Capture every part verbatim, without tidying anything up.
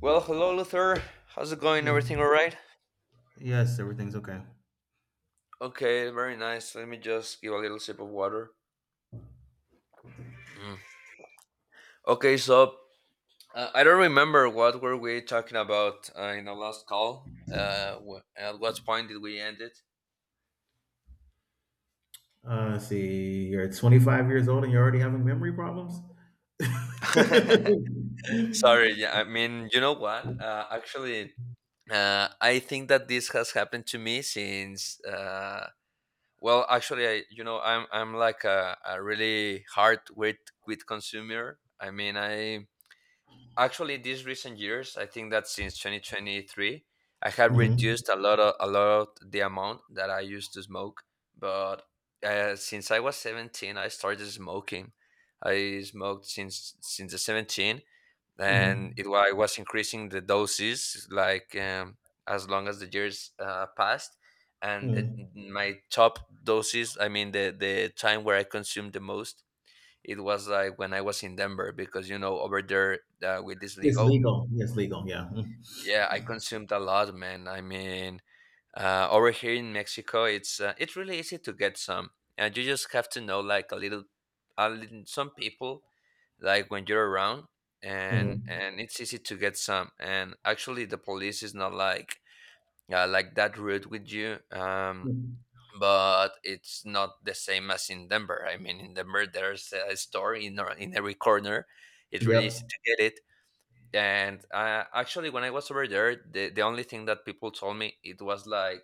Well, hello, Luther. How's it going? Yeah. Everything all right? Yes, everything's okay. Okay, very nice. Let me just give a little sip of water. Mm. Okay, so uh, I don't remember what were we talking about uh, in the last call. Uh, wh- at what point did we end it? Uh, see, you're twenty-five years old and you're already having memory problems. Hmm. Sorry. Yeah, I mean, you know what? Uh, actually, uh, I think that this has happened to me since. Uh, well, actually, I you know I'm I'm like a, a really hard quit quit consumer. I mean, I Actually, these recent years, I think that since twenty twenty-three, I have reduced a lot of a lot of the amount that I used to smoke. But uh, since I was seventeen, I started smoking. I smoked since since the seventeen, and Hmm. it wa- I was increasing the doses, like, um, as long as the years uh, passed. And the, Hmm. my top doses, I mean, the the time where I consumed the most, it was like when I was in Denver, because, you know over there, uh, with this It's legal, legal. It's legal. Yeah. Mm-hmm. yeah, I consumed a lot, man. I mean, uh, over here in Mexico, it's uh, it's really easy to get some, and you just have to know, like, a little, a little some people, like, when you're around, and Mm-hmm. and it's easy to get some. And actually, the police is not like uh, like that rude with you. Um, but it's not the same as in Denver. I mean, in Denver, there's a store in ar- in every corner. It's really easy Yep. to get it. And uh, actually, when I was over there, the, the only thing that people told me, it was like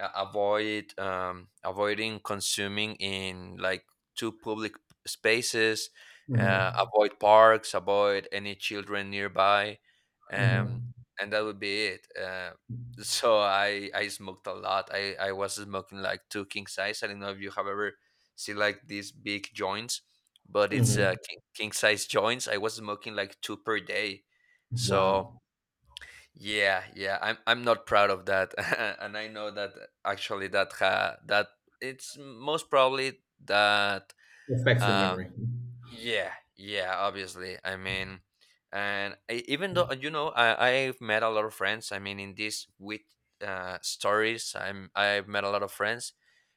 uh, avoid um, avoiding consuming in, like, two public spaces, uh, Mm. avoid parks, avoid any children nearby, Hmm. um, Hmm. and that would be it uh, So i i smoked a lot. I i was smoking like two king size. I don't know if you have ever seen, like, these big joints, but it's uh, Hmm. king, king size joints. I was smoking like two per day, so Wow. yeah, yeah, I'm I'm not proud of that, and I know that, actually, that ha, that it's most probably that. Affects your Uh, memory. yeah, yeah, obviously. I mean, and I, even though, you know, I I've met a lot of friends. I mean, in this, with uh, stories, I'm I've met a lot of friends,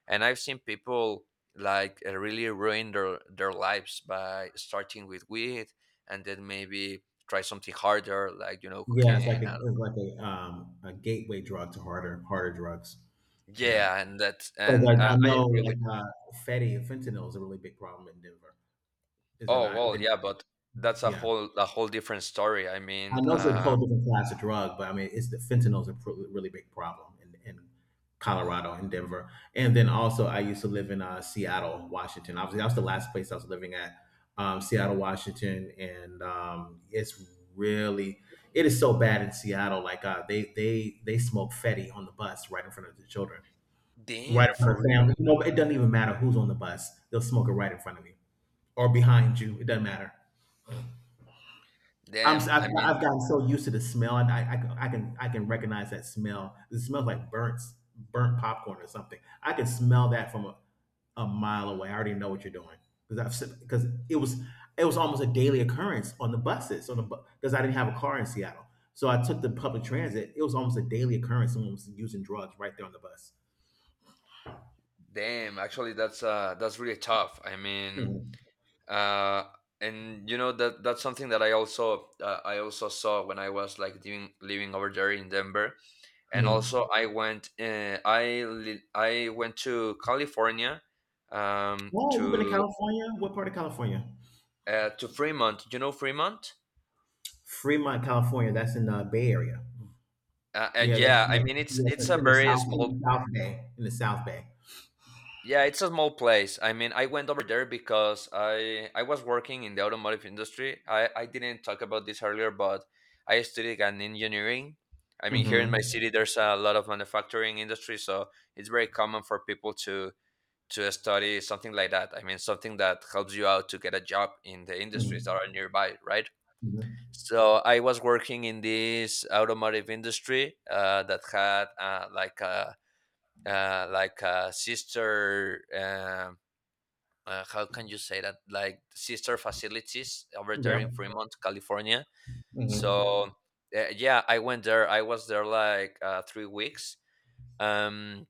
and I've seen people, like, uh, really ruin their their lives by starting with weed, and then maybe try something harder, like, you know Yeah, it's like cocaine. a it's like a um a gateway drug to harder harder drugs. Yeah, Yeah, and that, because and I, uh, I I know agree with that. like uh, Fetty fentanyl is a really big problem in Denver. Is it Oh, not? well, yeah, but that's a Yeah. whole a whole different story. I I mean, know it's a uh, whole different class of drug, but I mean, it's the fentanyl's a pr- really big problem in, in Colorado and Denver. And then also, I used to live in uh, Seattle, Washington. Obviously, that was the last place I was living at, um, Seattle, Washington. And um, it's really, it is so bad in Seattle. Like uh, they they they smoke fetty on the bus right in front of the children, right damn, in front for of family. real. You know, it doesn't even matter who's on the bus; they'll smoke it right in front of you or behind you. It doesn't matter. I'm s- Damn. I've, I mean, I've gotten so used to the smell, and I, I can I can I can recognize that smell. It smells like burnt s- burnt popcorn or something. I can smell that from a, a mile away. I already know what you're doing because I've because it was it was almost a daily occurrence on the buses on the because I didn't have a car in Seattle, so I took the public transit. It was almost a daily occurrence. Someone was using drugs right there on the bus. Damn. Actually, that's uh, that's really tough. I mean, Mhm. uh, and you know that that's something that I also uh, I also saw when I was like living living over there in Denver, and also Mhm. I went uh, I li I went to California, um, Oh, you've been to to California? What part of California? uh, to Fremont. You know Fremont? Fremont, California. That's in the Bay Area. Uh, and Yeah, that's, yeah, I that's mean, it's yes, it's that's a in the very south in small, the South Bay, in the South Bay. yeah, it's a small place. I mean, I went over there because I I was working in the automotive industry. I I didn't talk about this earlier, but I studied an engineering. I mean, here in my Mhm. city, there's a lot of manufacturing industry, so it's very common for people to to study something like that. I mean, something that helps you out to get a job in the Mhm. industries that are nearby, right? Mhm. So I was working in this automotive industry uh, that had uh, like a uh, like a sister, um uh, how can you say that, like, sister facilities over there in Yep. Fremont, California. Mhm. So uh, yeah, I went there. I was there like uh, three weeks. um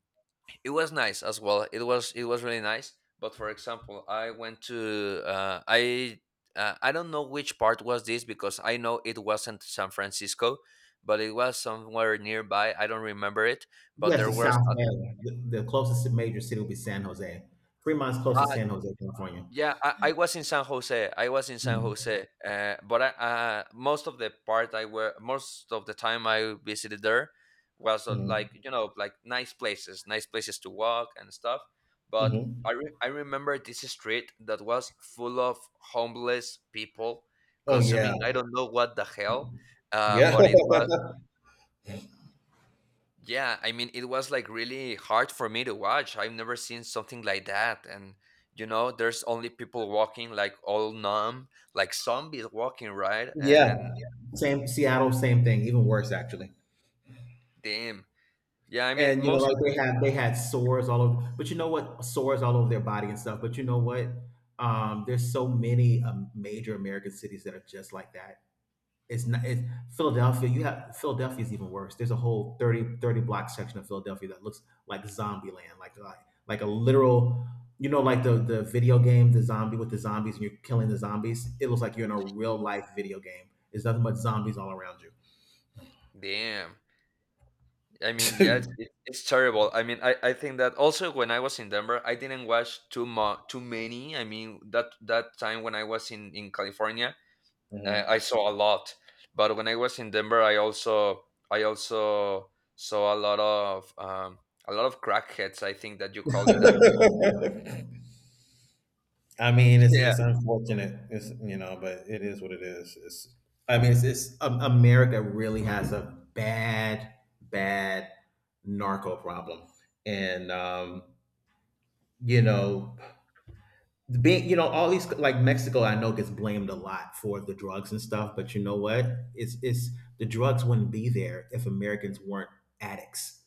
it was nice as well. It was, it was really nice, but for example, I went to uh, i uh, I don't know which part was this, because I know it wasn't San Francisco, but it was somewhere nearby. I don't remember it, but Yes, there the was South a, Bay. The, the closest major city would be San Jose. Fremont's close to ah, San Jose, California. yeah, I, I was in San Jose. I was in San Mhm. Jose, uh, but I, uh, most of the part I were most of the time I visited there was uh, Mhm. like, you know, like nice places, nice places to walk and stuff. But Mhm. I re- I remember this street that was full of homeless people Oh yeah. consuming, I don't know what the hell, uh, Yeah. but it was, yeah, I mean, it was like really hard for me to watch. I've never seen something like that. And, you know, there's only people walking like all numb, like zombies walking, right? Yeah. And Same Seattle, same thing, even worse actually. damn. Yeah, I mean, And you know, most, like they had they had sores all over, but you know what? Sores all over their body and stuff. But you know what? Um, there's so many um, major American cities that are just like that. It's not it's, Philadelphia. You have Philadelphia is even worse. There's a whole thirty thirty block section of Philadelphia that looks like zombie land, like like like a literal, you know, like the the video game, the zombie with the zombies, and you're killing the zombies. It looks like you're in a real life video game. There's nothing but zombies all around you. Damn. I mean, yeah, it's, it- it's terrible. I mean, I, I think that also when I was in Denver, I didn't watch too much, too many. I mean, that that time when I was in in California, uh, Mhm. I saw a lot. But when I was in Denver, I also I also saw a lot of um, a lot of crackheads. I think that you call it that way. I mean, it's Yeah, it's unfortunate. It's you know, but it is what it is. It's I mean, it's, it's um, America really has a bad, bad narco problem, and um, you know, being you know all these like Mexico, I know gets blamed a lot for the drugs and stuff, but you know what? It's it's the drugs wouldn't be there if Americans weren't addicts.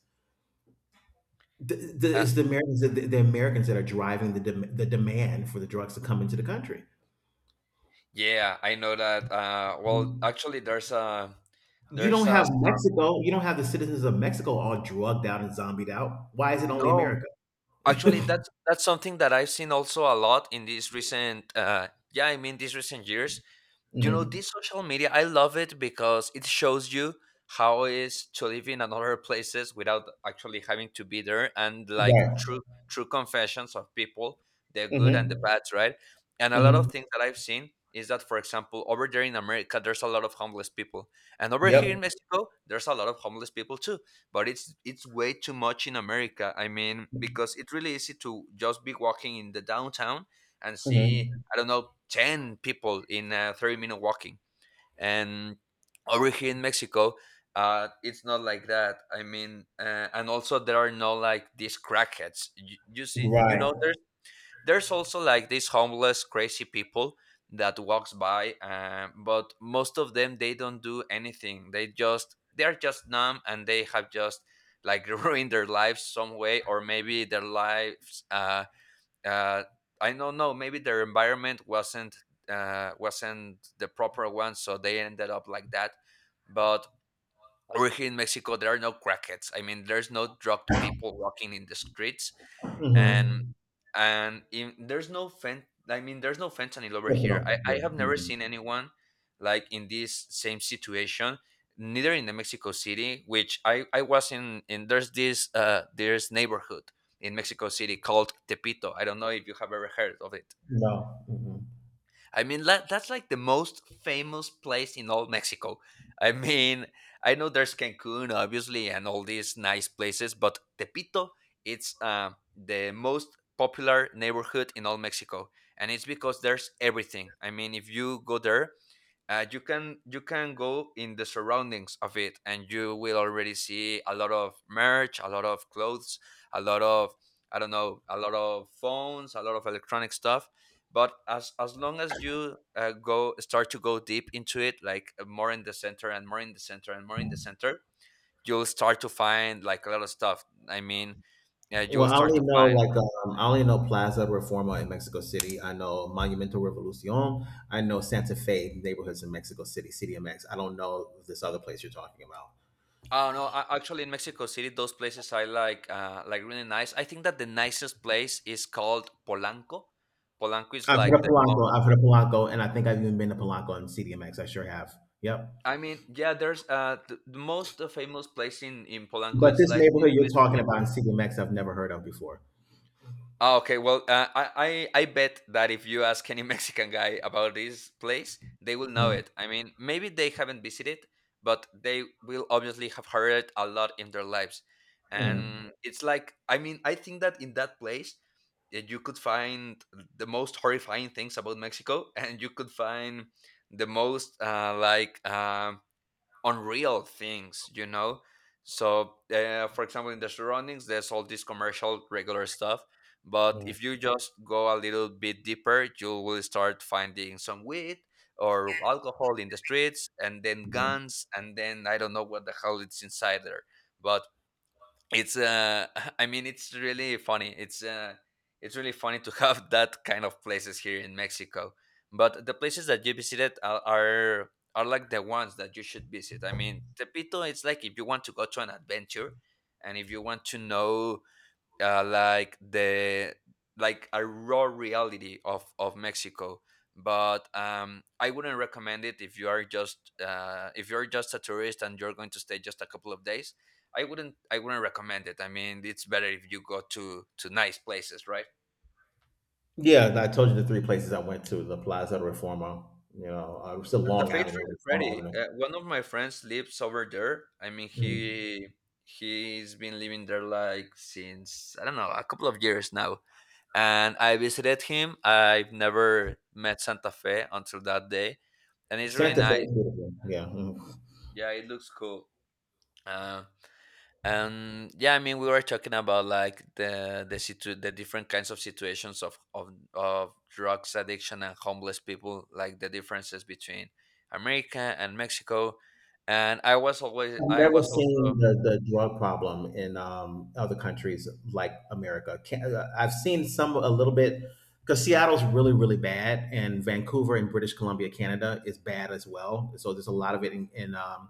The, the, uh, it's the Americans that the, the Americans that are driving the dem- the demand for the drugs to come into the country. yeah. I know that. Uh, well, You actually, there's a, there's don't have a some- Mexico, you don't have the citizens of Mexico all drugged out and zombied out. Why is it only no. America? Actually, that's that's something that I've seen also a lot in these recent. Uh, yeah, I mean, these recent years. You know, Mhm. this social media, I love it because it shows you how it is to live in another places without actually having to be there, and, like, Right. true true confessions of people, the good Hmm. and the bad, right? And a lot Hmm. of things that I've seen is that, for example, over there in America, there's a lot of homeless people. And over here in Yep. Mexico, there's a lot of homeless people too. But it's it's way too much in America. I mean, because it's really easy to just be walking in the downtown and see, Hmm. I don't know, ten people in a thirty minute walking. And over here in Mexico, uh, it's not like that. I mean, uh, and also there are no, like, these crackheads. You, you see, you Right. know, there's there's also, like, these homeless, crazy people that walks by, uh, but most of them, they don't do anything. They just they are just numb, and they have just, like, ruined their lives some way, or maybe their lives uh, uh, I don't know. Maybe their environment wasn't uh, wasn't the proper one, so they ended up like that. But over here in Mexico, there are no crackheads. I mean, there's no drugged people walking in the streets, and Hmm. and in, there's no fen. I mean, there's no fentanyl over here. I, Nothing. I Yeah. have never Mhm. seen anyone like in this same situation. Neither in the Mexico City, which I I was in. In, there's this, uh there's neighborhood in Mexico City called Tepito. I don't know if you have ever heard of it. No. Mhm. I mean, that, that's like the most famous place in all Mexico. I mean, I know there's Cancun, obviously, and all these nice places, but Tepito, it's uh, the most popular neighborhood in all Mexico. And it's because there's everything. I mean, if you go there, uh, you can you can go in the surroundings of it, and you will already see a lot of merch, a lot of clothes, a lot of, I don't know, a lot of phones, a lot of electronic stuff. But as as long as you uh, go start to go deep into it, like, uh, more in the center, and more in the center, and more in the center, you'll start to find, like, a lot of stuff. I mean, yeah, you'll Well, I start only to know find. like um, I only know Plaza Reforma in Mexico City. I know Monumento Revolucion. I know Santa Fe neighborhoods in Mexico City, C D M X. I don't know this other place you're talking about. Oh no! a- Actually, in Mexico City, those places I like, uh, like, really nice. I think that the nicest place is called Polanco. Polanco is I've heard like of the most. Polanco. I've heard of Polanco, and I think I've even been to Polanco and C D M X. I sure have. Yep. I mean, yeah, there's uh the, the most uh, famous place in in Polanco. But It's this like this neighborhood you're talking museum. about in C D M X, I've never heard of before. Oh, okay. Well, uh, I, I I bet that if you ask any Mexican guy about this place, they will know Mm, it. I mean, maybe they haven't visited, but they will obviously have heard it a lot in their lives. mm, And it's like, I mean, I think that in that place, eh, you could find the most horrifying things about Mexico, and you could find the most uh, like, um unreal things, you know. So, uh, for example, in the surroundings, there's all this commercial regular stuff. But if you just go a little bit deeper, you will start finding some weed or alcohol in the streets, and then mhm. guns, and then I don't know what the hell it's inside there. But it's uh i mean it's really funny it's uh It's really funny to have that kind of places here in Mexico. But the places that you visited are are, are like the ones that you should visit. I mean, Tepito, it's like if you want to go to an adventure and if you want to know uh, like the like a raw reality of of Mexico. But um, I wouldn't recommend it if you are just uh, if you're just a tourist and you're going to stay just a couple of days. I wouldn't I wouldn't recommend it. I mean, it's better if you go to to nice places, right? Yeah, I told you the three places I went to: the Plaza de Reforma, you know, uh, still Santa Long Fe is Avenue, really pretty. Reforma Avenue. Uh, one of my friends lives over there. I mean, Mhm. he he's been living there like since I don't know a couple of years now. And I visited him. I've never met Santa Fe until that day, and it's really Santa Fe nice. is beautiful. Yeah. Mhm. Yeah, it looks cool. Uh, and yeah, I mean, we were talking about like the the situ- the different kinds of situations of, of of drugs addiction and homeless people, like the differences between America and Mexico. And I was always I've I never was also seen the, the drug problem in um, other countries like America. Can, uh, I've seen some a little bit because Seattle's really really bad, and Vancouver in British Columbia, Canada, is bad as well. So there's a lot of it in, in um,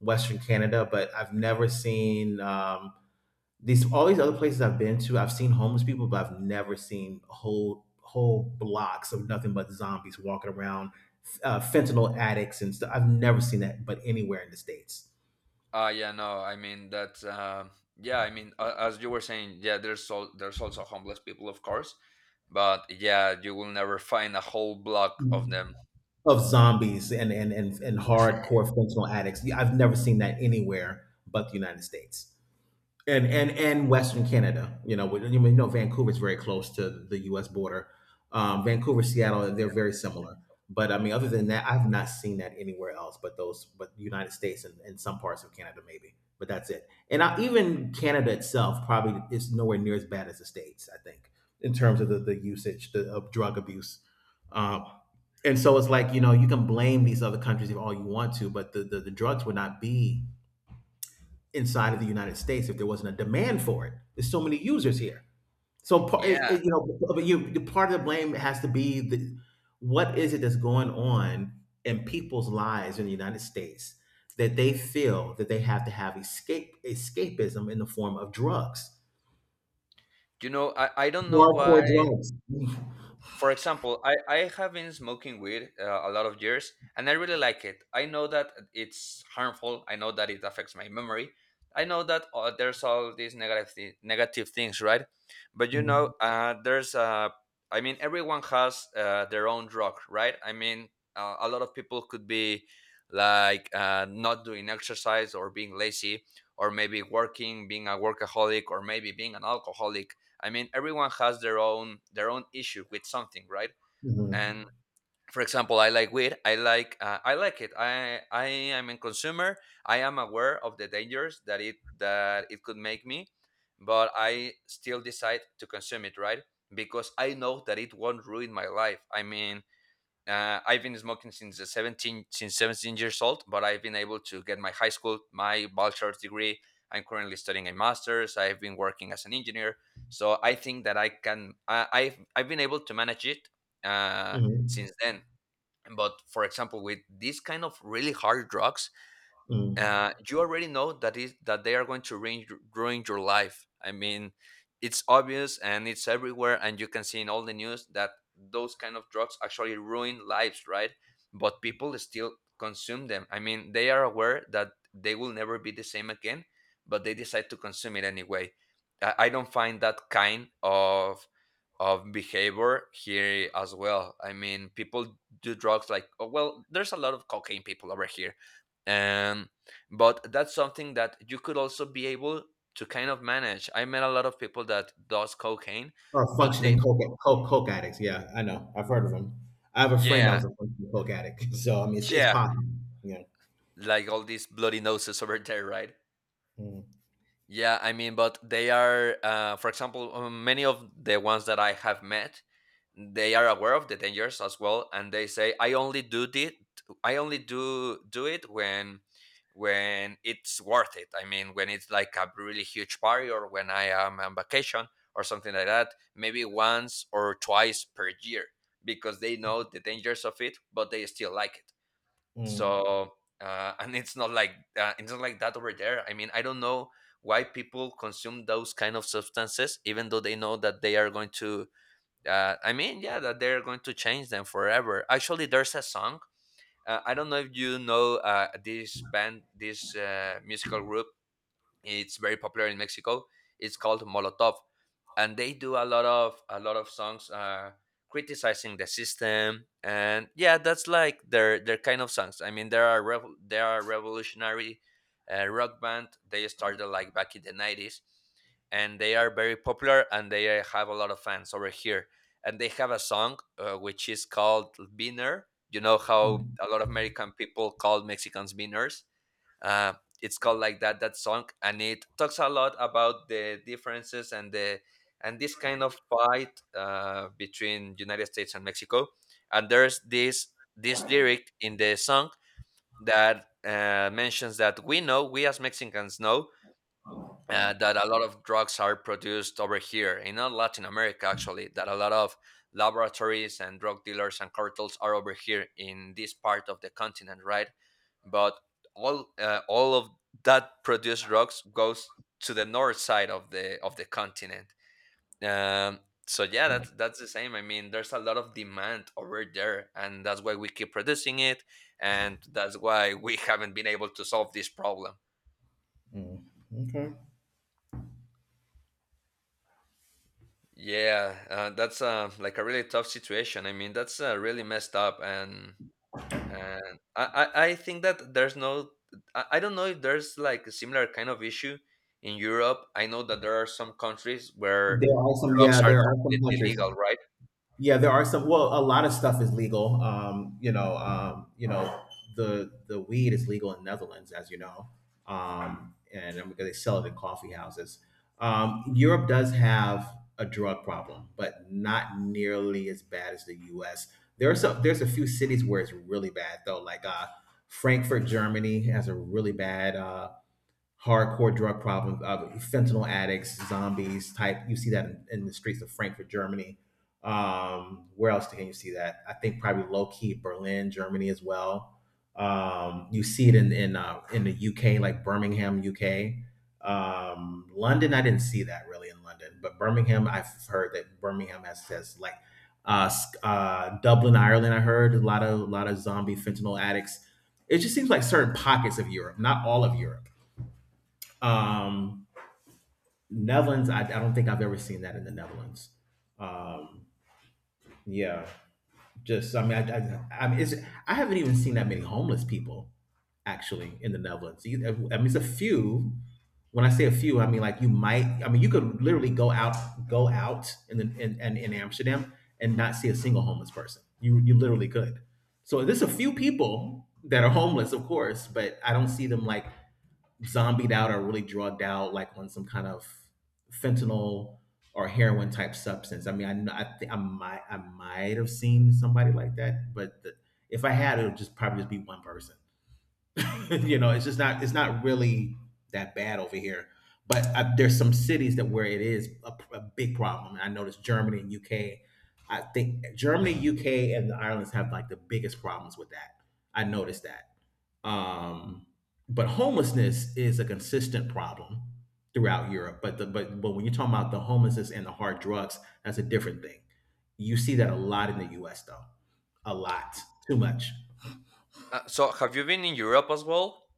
Western Canada, but I've never seen um, these all these other places I've been to. I've seen homeless people, but I've never seen whole whole blocks of nothing but zombies walking around, uh, fentanyl addicts and stuff. I've never seen that, but anywhere in the states. uh yeah, no, I mean that um yeah, I mean, a- as you were saying, yeah, there's al- there's also homeless people, of course, but yeah, you will never find a whole block of them. Of zombies and and and, and hardcore fentanyl addicts. Yeah, I've never seen that anywhere but the United States and and and Western Canada. You know, you know Vancouver's very close to the U S border. Um, Vancouver, Seattle, they're very similar. But I mean, other than that, I've not seen that anywhere else. But those, but the United States and, and some parts of Canada, maybe. But that's it. And I, even Canada itself probably is nowhere near as bad as the states. I think in terms of the, the usage the, of drug abuse. Um, and so it's like you know you can blame these other countries if all you want to, but the, the, the drugs would not be inside of the United States if there wasn't a demand for it. There's so many users here. So pa- it- Yeah, it- you know, but you the part of the blame has to be the, what is it that's going on in people's lives in the United States that they feel that they have to have escape escapism in the form of drugs, you know, I I don't know why. hardcore drugs, For example, I, I have been smoking weed uh, a lot of years and I really like it. I know that it's harmful. I know that it affects my memory. I know that uh, there's all these negative, thi- negative things, right? But you mhm, know, uh, there's, uh, I mean, everyone has uh, their own drug, right? I mean, uh, a lot of people could be like uh, not doing exercise or being lazy or maybe working, being a workaholic, or maybe being an alcoholic. I mean, everyone has their own their own issue with something, right? mhm, And for example, I like weed. I like uh, I like it. I I am a consumer. I am aware of the dangers that it that it could make me, but I still decide to consume it, right? Because I know that it won't ruin my life. I mean, uh, I've been smoking since the seventeen since seventeen years old, but I've been able to get my high school, my bachelor's degree. I'm currently studying a master's. I've been working as an engineer, so I think that I can. I, I've I've been able to manage it uh, mhm, since then. But for example, with these kind of really hard drugs, mhm, uh, you already know that is that they are going to ruin, ruin your life. I mean, it's obvious and it's everywhere, and you can see in all the news that those kind of drugs actually ruin lives, right? But people still consume them. I mean, they are aware that they will never be the same again, but they decide to consume it anyway. I, I don't find that kind of of behavior here as well. I mean, people do drugs like, oh well, there's a lot of cocaine people over here. And but that's something that you could also be able to kind of manage. I met a lot of people that does cocaine, or but they functioning coke, coke coke addicts. Yeah, I know. I've heard of them. I have a friend that yeah, was a functioning coke addict, so I mean, it's, it's yeah, possible. Yeah. like all these bloody noses over there, right? Mm-hmm. Yeah, I mean, but they are, uh, for example, uh, many of the ones that I have met, they are aware of the dangers as well, and they say, "I only do it. I only do do it when when it's worth it. I mean, when it's like a really huge party, or when I am on vacation, or something like that. Maybe once or twice per year, because they know the dangers of it, but they still like it." Mm, So uh, and it's not like uh, it's not like that over there. I mean, I don't know why people consume those kind of substances, even though they know that they are going to. Uh, I mean, yeah, that they are going to change them forever. Actually, there's a song. Uh, I don't know if you know uh, this band, this uh, musical group. It's very popular in Mexico. It's called Molotov, and they do a lot of a lot of songs uh criticizing the system, and yeah, that's like their their kind of songs. I mean, there are rev- there are revolutionary uh, rock band. They started like back in the nineties, and they are very popular, and they uh, have a lot of fans over here. And they have a song uh, which is called Beaner. You know how a lot of American people call Mexicans beaners. uh, it's called like that, that song, and it talks a lot about the differences and the and this kind of fight uh, between United States and Mexico. And there's this this lyric in the song that uh, mentions that we know, we as Mexicans know uh, that a lot of drugs are produced over here in not Latin America, actually, that a lot of laboratories and drug dealers and cartels are over here in this part of the continent, right? But all uh, all of that produced drugs goes to the north side of the of the continent. Um, so yeah, that's that's the same. I mean, there's a lot of demand over there, and that's why we keep producing it, and that's why we haven't been able to solve this problem. mm, okay. Yeah, uh, that's uh, like a really tough situation. I mean, that's uh, really messed up, and and I, I I think that there's no, I, I don't know if there's like a similar kind of issue in Europe. I know that there are some countries where There are some, drugs yeah, are there are some completely countries. legal, right? Yeah, there are some. Well, a lot of stuff is legal. Um, you know, um, you know, the the weed is legal in Netherlands, as you know, um, and and because they sell it in coffee houses. Um, Europe does have a drug problem, but not nearly as bad as the U S. There are some. There's a few cities where it's really bad though, like uh, Frankfurt, Germany, has a really bad uh, hardcore drug problems, uh, fentanyl addicts, zombies type. You see that in, in the streets of Frankfurt, Germany. Um, where else can you see that? I think probably low key Berlin, Germany as well. Um, you see it in in uh, in the U K, like Birmingham, U K. Um, London, I didn't see that really in London, but Birmingham, I've heard that Birmingham has says like uh, sc- uh, Dublin, Ireland. I heard a lot of a lot of zombie fentanyl addicts. It just seems like certain pockets of Europe, not all of Europe. um, Netherlands, I, I don't think I've ever seen that in the Netherlands. Um, yeah, just I mean, I, I, I mean, it's, I haven't even seen that many homeless people actually in the Netherlands. You, I mean, it's a few. When I say a few, I mean like you might. I mean, you could literally go out, go out in the in, in, in Amsterdam and not see a single homeless person. You you literally could. So there's a few people that are homeless, of course, but I don't see them like zombied out or really drugged out, like on some kind of fentanyl or heroin type substance. I mean, I kn- I, thi- I might I might have seen somebody like that, but the, if I had, it would just probably just be one person. you know, it's just not it's not really that bad over here. But uh there's some cities that where it is a, a big problem. And I noticed Germany and U K. I think Germany, U K, and the Irelands have like the biggest problems with that. I noticed that. Um, but homelessness is a consistent problem throughout Europe. But the but but when you're talking about the homelessness and the hard drugs, that's a different thing. You see that a lot in the U S though, a lot, too much. Uh, so have you been in Europe as well?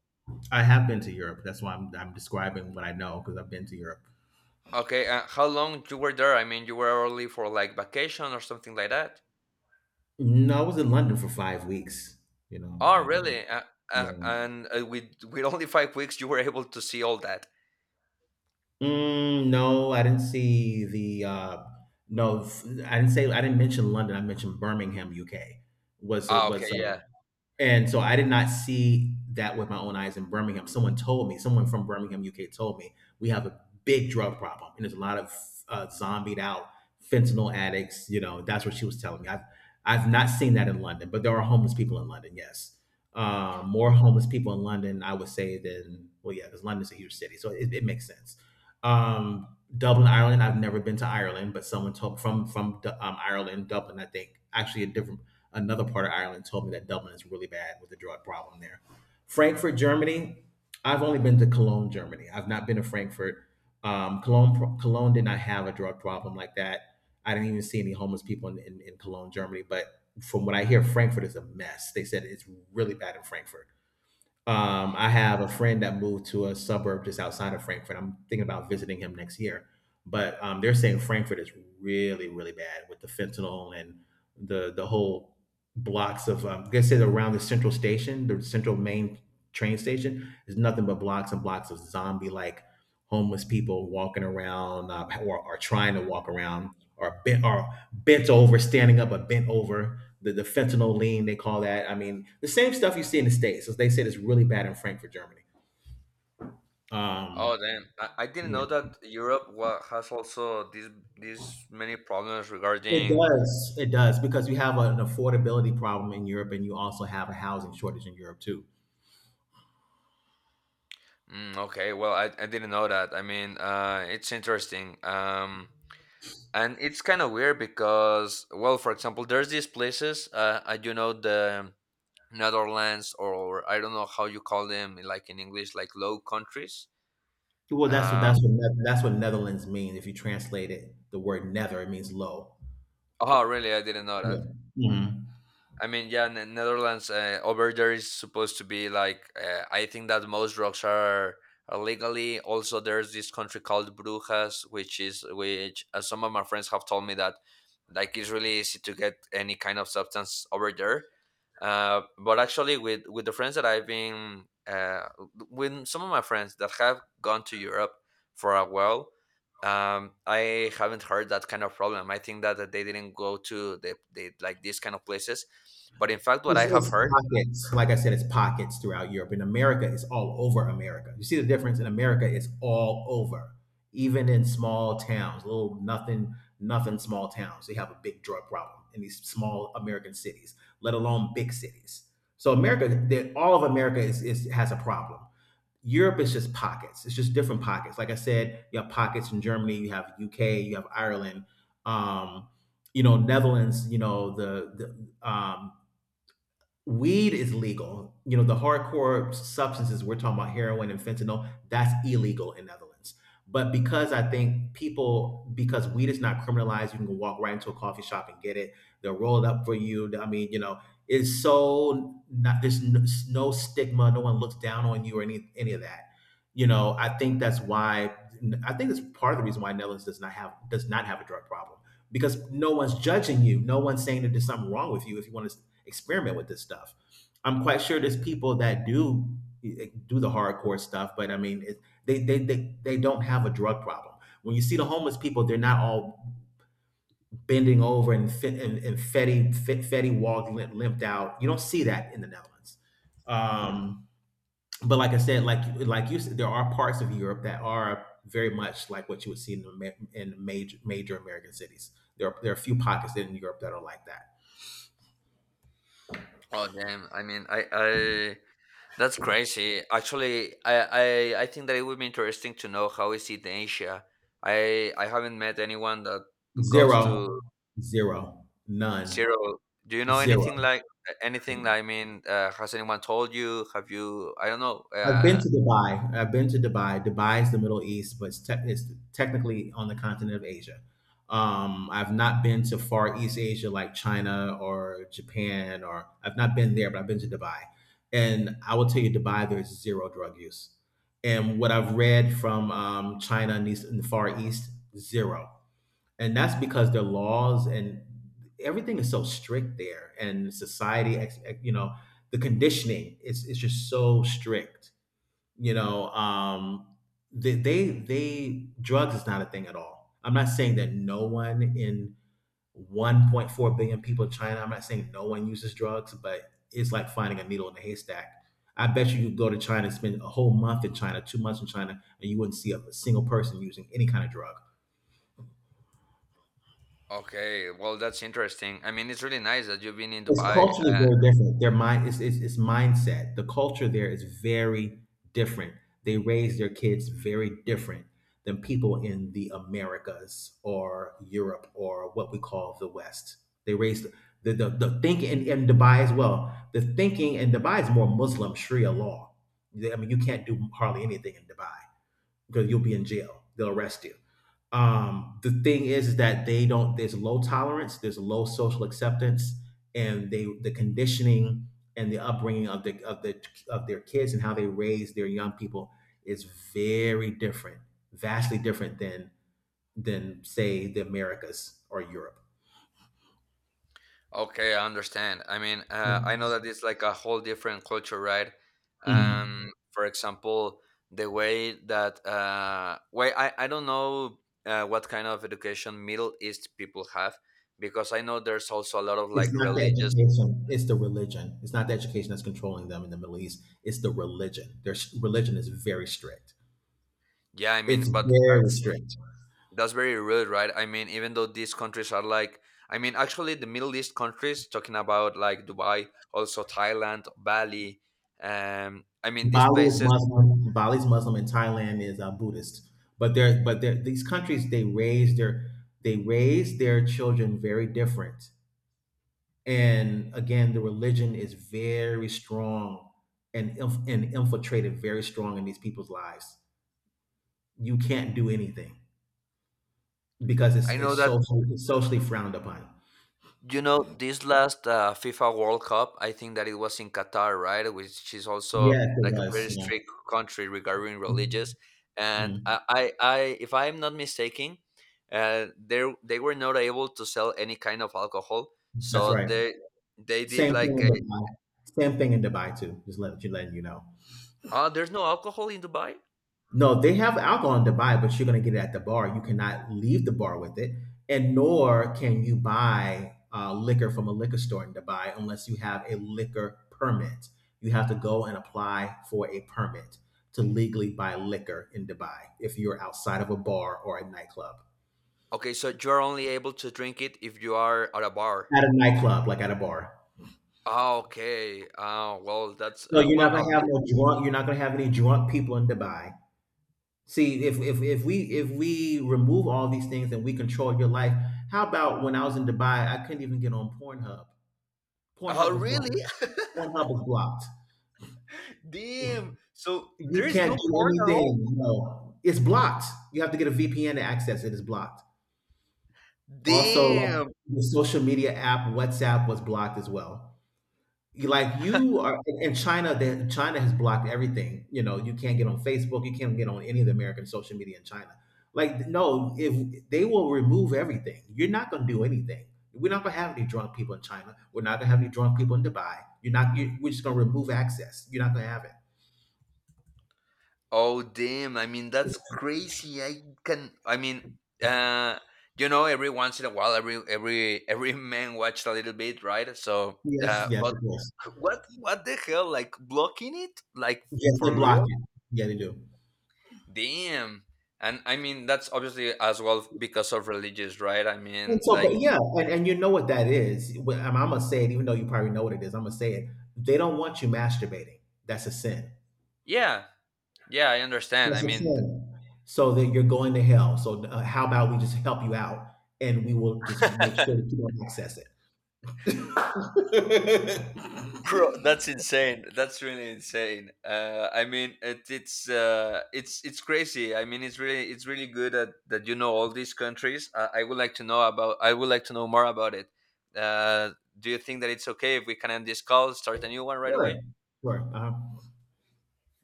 I have been to Europe. That's why I'm, I'm describing what I know because I've been to Europe. Okay, uh, how long you were there? I mean, you were only for like vacation or something like that. No, I was in London for five weeks. You know, Oh, um, really? Uh, uh, yeah. and uh, with with only five weeks, you were able to see all that. Mm, no, I didn't see the. Uh, no, f- I didn't say. I didn't mention London. I mentioned Birmingham, U K. Was Ah, okay, was uh, yeah. And so I did not see that with my own eyes in Birmingham. Someone told me, someone from Birmingham, U K, told me we have a big drug problem, and there's a lot of uh, zombied out fentanyl addicts. You know, that's what she was telling me. I've I've not seen that in London, but there are homeless people in London. Yes, uh, more homeless people in London, I would say, than well, yeah, because London's a huge city, so it, it makes sense. Um, Dublin, Ireland. I've never been to Ireland, but someone told from from Du- um, Ireland, Dublin. I think actually a different another part of Ireland told me that Dublin is really bad with the drug problem there. Frankfurt, Germany. I've only been to Cologne, Germany. I've not been to Frankfurt. Um, Cologne, Cologne did not have a drug problem like that. I didn't even see any homeless people in, in, in Cologne, Germany. But from what I hear, Frankfurt is a mess. They said it's really bad in Frankfurt. Um, I have a friend that moved to a suburb just outside of Frankfurt. I'm thinking about visiting him next year, but um, they're saying Frankfurt is really, really bad with the fentanyl and the the whole blocks of. Um, I guess it's around the central station, the central main train station, is nothing but blocks and blocks of zombie like homeless people walking around uh, or are trying to walk around or bent or bent over, standing up, but bent over. The, the fentanyl lean, they call that. I mean, the same stuff you see in the States. So they said, it's really bad in Frankfurt, Germany. Um, Oh damn! I, I didn't yeah. know that Europe wa- has also these these many problems It regarding. does. It does because you have an affordability problem in Europe, and you also have a housing shortage in Europe too. Mm, okay, well, I, I didn't know that. I mean, uh, it's interesting. Um, and it's kind of weird because, well, for example, there's these places. Uh, I do know the Netherlands, or I don't know how you call them, like in English, like low countries. Well, that's what Uh, that's what Ne- that's what Netherlands means. If you translate it, the word "nether," it means low. oh, really? I didn't know that. Yeah. Mhm. I mean, yeah, Ne- Netherlands uh, over there is supposed to be like uh, I think that most drugs are are legally. Also, there's this country called Brujas, which is which uh, some of my friends have told me that like it's really easy to get any kind of substance over there, uh, but actually with with the friends that i've been uh, with some of my friends that have gone to Europe for a while. Um, I haven't heard that kind of problem. I think that, that they didn't go to the, the like these kind of places, but in fact what It's, I have it's heard pockets. Like I said, it's pockets throughout Europe. In America, it's all over America. You see the difference in America, it's all over. Even in small towns, little nothing, nothing small towns, they have a big drug problem in these small American cities, let alone big cities. So America, they- all of America is, is has a problem. Europe is just pockets. It's just different pockets. Like I said, you have pockets in Germany, you have U K, you have Ireland, um, you know, Netherlands. You know, the the um, weed is legal. You know, the hardcore substances we're talking about, heroin and fentanyl, that's illegal in Netherlands. But because I think people, because weed is not criminalized, you can go walk right into a coffee shop and get it. They'll roll it up for you. I mean, you know, it's so not there's n- no stigma. No one looks down on you or any any of that. You know, I think that's why. I think it's part of the reason why Netherlands does not have does not have a drug problem because no one's judging you. No one's saying that there's something wrong with you if you want to experiment with this stuff. I'm quite sure there's people that do eh, do the hardcore stuff, but I mean, it, they, they they they don't have a drug problem. When you see the homeless people, they're not all bending over and fit and, and fetty fit, fetty walk limp, limped out. You don't see that in the Netherlands. Um, but like I said, like like you said, there are parts of Europe that are very much like what you would see in the ma- in major major American cities. There are, there are a few pockets in Europe that are like that. oh damn, I mean, i i that's crazy actually. i i, I think that it would be interesting to know how is it in Asia. i I haven't met anyone that goes Zero, to zero, none. zero. Do you know Zero. anything like anything? I mean, uh, has anyone told you? Have you? I don't know. I've been Uh, to Dubai. I've been to Dubai. Dubai is the Middle East, but it's, te- it's technically on the continent of Asia. Um, I've not been to Far East Asia like China or Japan, or I've not been there, but I've been to Dubai. And I will tell you, Dubai, there's zero drug use. And what I've read from um, China and, East, and the Far East, zero. And that's because their laws and everything is so strict there and society ex- ex- you know the conditioning is it's just so strict, you know. um they, they they drugs is not a thing at all. I'm not saying that no one in one point four billion people in China, I'm not saying no one uses drugs, but it's like finding a needle in a haystack. I bet you you go to China, spend a whole month in China, two months in China, and you wouldn't see a single person using any kind of drug. okay. Well, that's interesting. I mean, it's really nice that you've been in It's Dubai. culturally Uh, very different. Their mind is it's, it's mindset. The culture there is very different. They raise their kids very different than people in the Americas or Europe or what we call the West. They raise the the, the thinking in in Dubai as well. The thinking in Dubai is more Muslim Sharia law. They- I mean, you can't do hardly anything in Dubai because you'll be in jail. They'll arrest you. Um, the thing is, is that they don't. There's low tolerance. There's low social acceptance, and they the conditioning and the upbringing of the of the of their kids and how they raise their young people is very different, vastly different than than say the Americas or Europe. okay, I understand. I mean, uh, I know that it's like a whole different culture, right? Mhm. Um, for example, the way that uh, way I I don't know uh, what kind of education Middle East people have, because I know there's also a lot of It's like not the religious education; it's the religion. It's not the education that's controlling them in the Middle East. It's the religion. Their religion is very strict. yeah, I It's mean, but very that's strict. That's very rude, right? I mean, even though these countries are like, I mean, actually, the Middle East countries, talking about like Dubai, also Thailand, Bali, um, I mean, these Bali is places, Muslim. Bali is Muslim, and Thailand is uh, Buddhist. But there, but they these countries they raise their they raise their children very different. And again, the religion is very strong and inf- and infiltrated very strong in these people's lives. You can't do anything because I it's it's know that, socially it's socially frowned upon. you know, this last uh, FIFA World Cup, I think that it was in Qatar, right? Which is also Yeah, it like a very was. Yeah. strict country regarding religious. And Mm. I, I, I if I'm not mistaken, uh, they, they were not able to sell any kind of alcohol. That's So right. they, they did Same thing like in Dubai. Same thing in Dubai too. Just let you letting you know. ah, there's no alcohol in Dubai? No, they have alcohol in Dubai, but you're gonna get it at the bar. You cannot leave the bar with it, and nor can you buy uh, liquor from a liquor store in Dubai unless you have a liquor permit. You have to go and apply for a permit to legally buy liquor in Dubai if you're outside of a bar or a nightclub. Okay, so you're only able to drink it if you are at a bar. At a nightclub, like at a bar. Ah, okay. Ah, well, that's So uh, you're not well. At gonna have least. no drunk. You're not gonna have any drunk people in Dubai. See, if, if if we if we remove all these things and we control your life, how about when I was in Dubai, I couldn't even get on Pornhub. Pornhub Oh, was blocked. really? Pornhub was blocked. Damn. So You there is can't no do porn at all. anything. No, it's blocked. You have to get a V P N to access it. It's blocked. Also, like Damn. the social media app, WhatsApp was blocked as well. You like you are in China, that China has blocked everything. You know, you can't get on Facebook, you can't get on any of the American social media in China. Like, no, if they will remove everything, you're not gonna do anything. We're not gonna have any drunk people in China. We're not gonna have any drunk people in Dubai. You're not. You, we're just gonna remove access. You're not gonna have it. Oh, damn. I mean, that's crazy. I can. I mean, uh, you know, every once in a while, every every every man watched a little bit, right? So, Yes, uh, yes, but of course. what what the hell? Like blocking it? Like Yes, they for block real? it. Yeah, they do. Damn. And I mean, that's obviously as well because of religious, right? I And mean, so, but like, yeah, and, and you know what that is. Wh- I'm, I'm gonna say it, even though you probably know what it is. I'm gonna say it. They don't want you masturbating. That's a sin. yeah, yeah, I understand. That's I the mean, thing. So that you're going to hell. So uh, how about we just help you out, and we will just make sure that you don't access it. bro, that's insane. That's really insane. Uh, I mean, it, it's uh, it's it's crazy. I mean, it's really it's really good that, that you know all these countries. Uh, I would like to know about. I would like to know more about it. Uh, do you think that it's okay if we can end this call, start a new one right sure, away? sure. Uh-huh.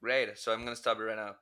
Great. So I'm gonna stop it right now.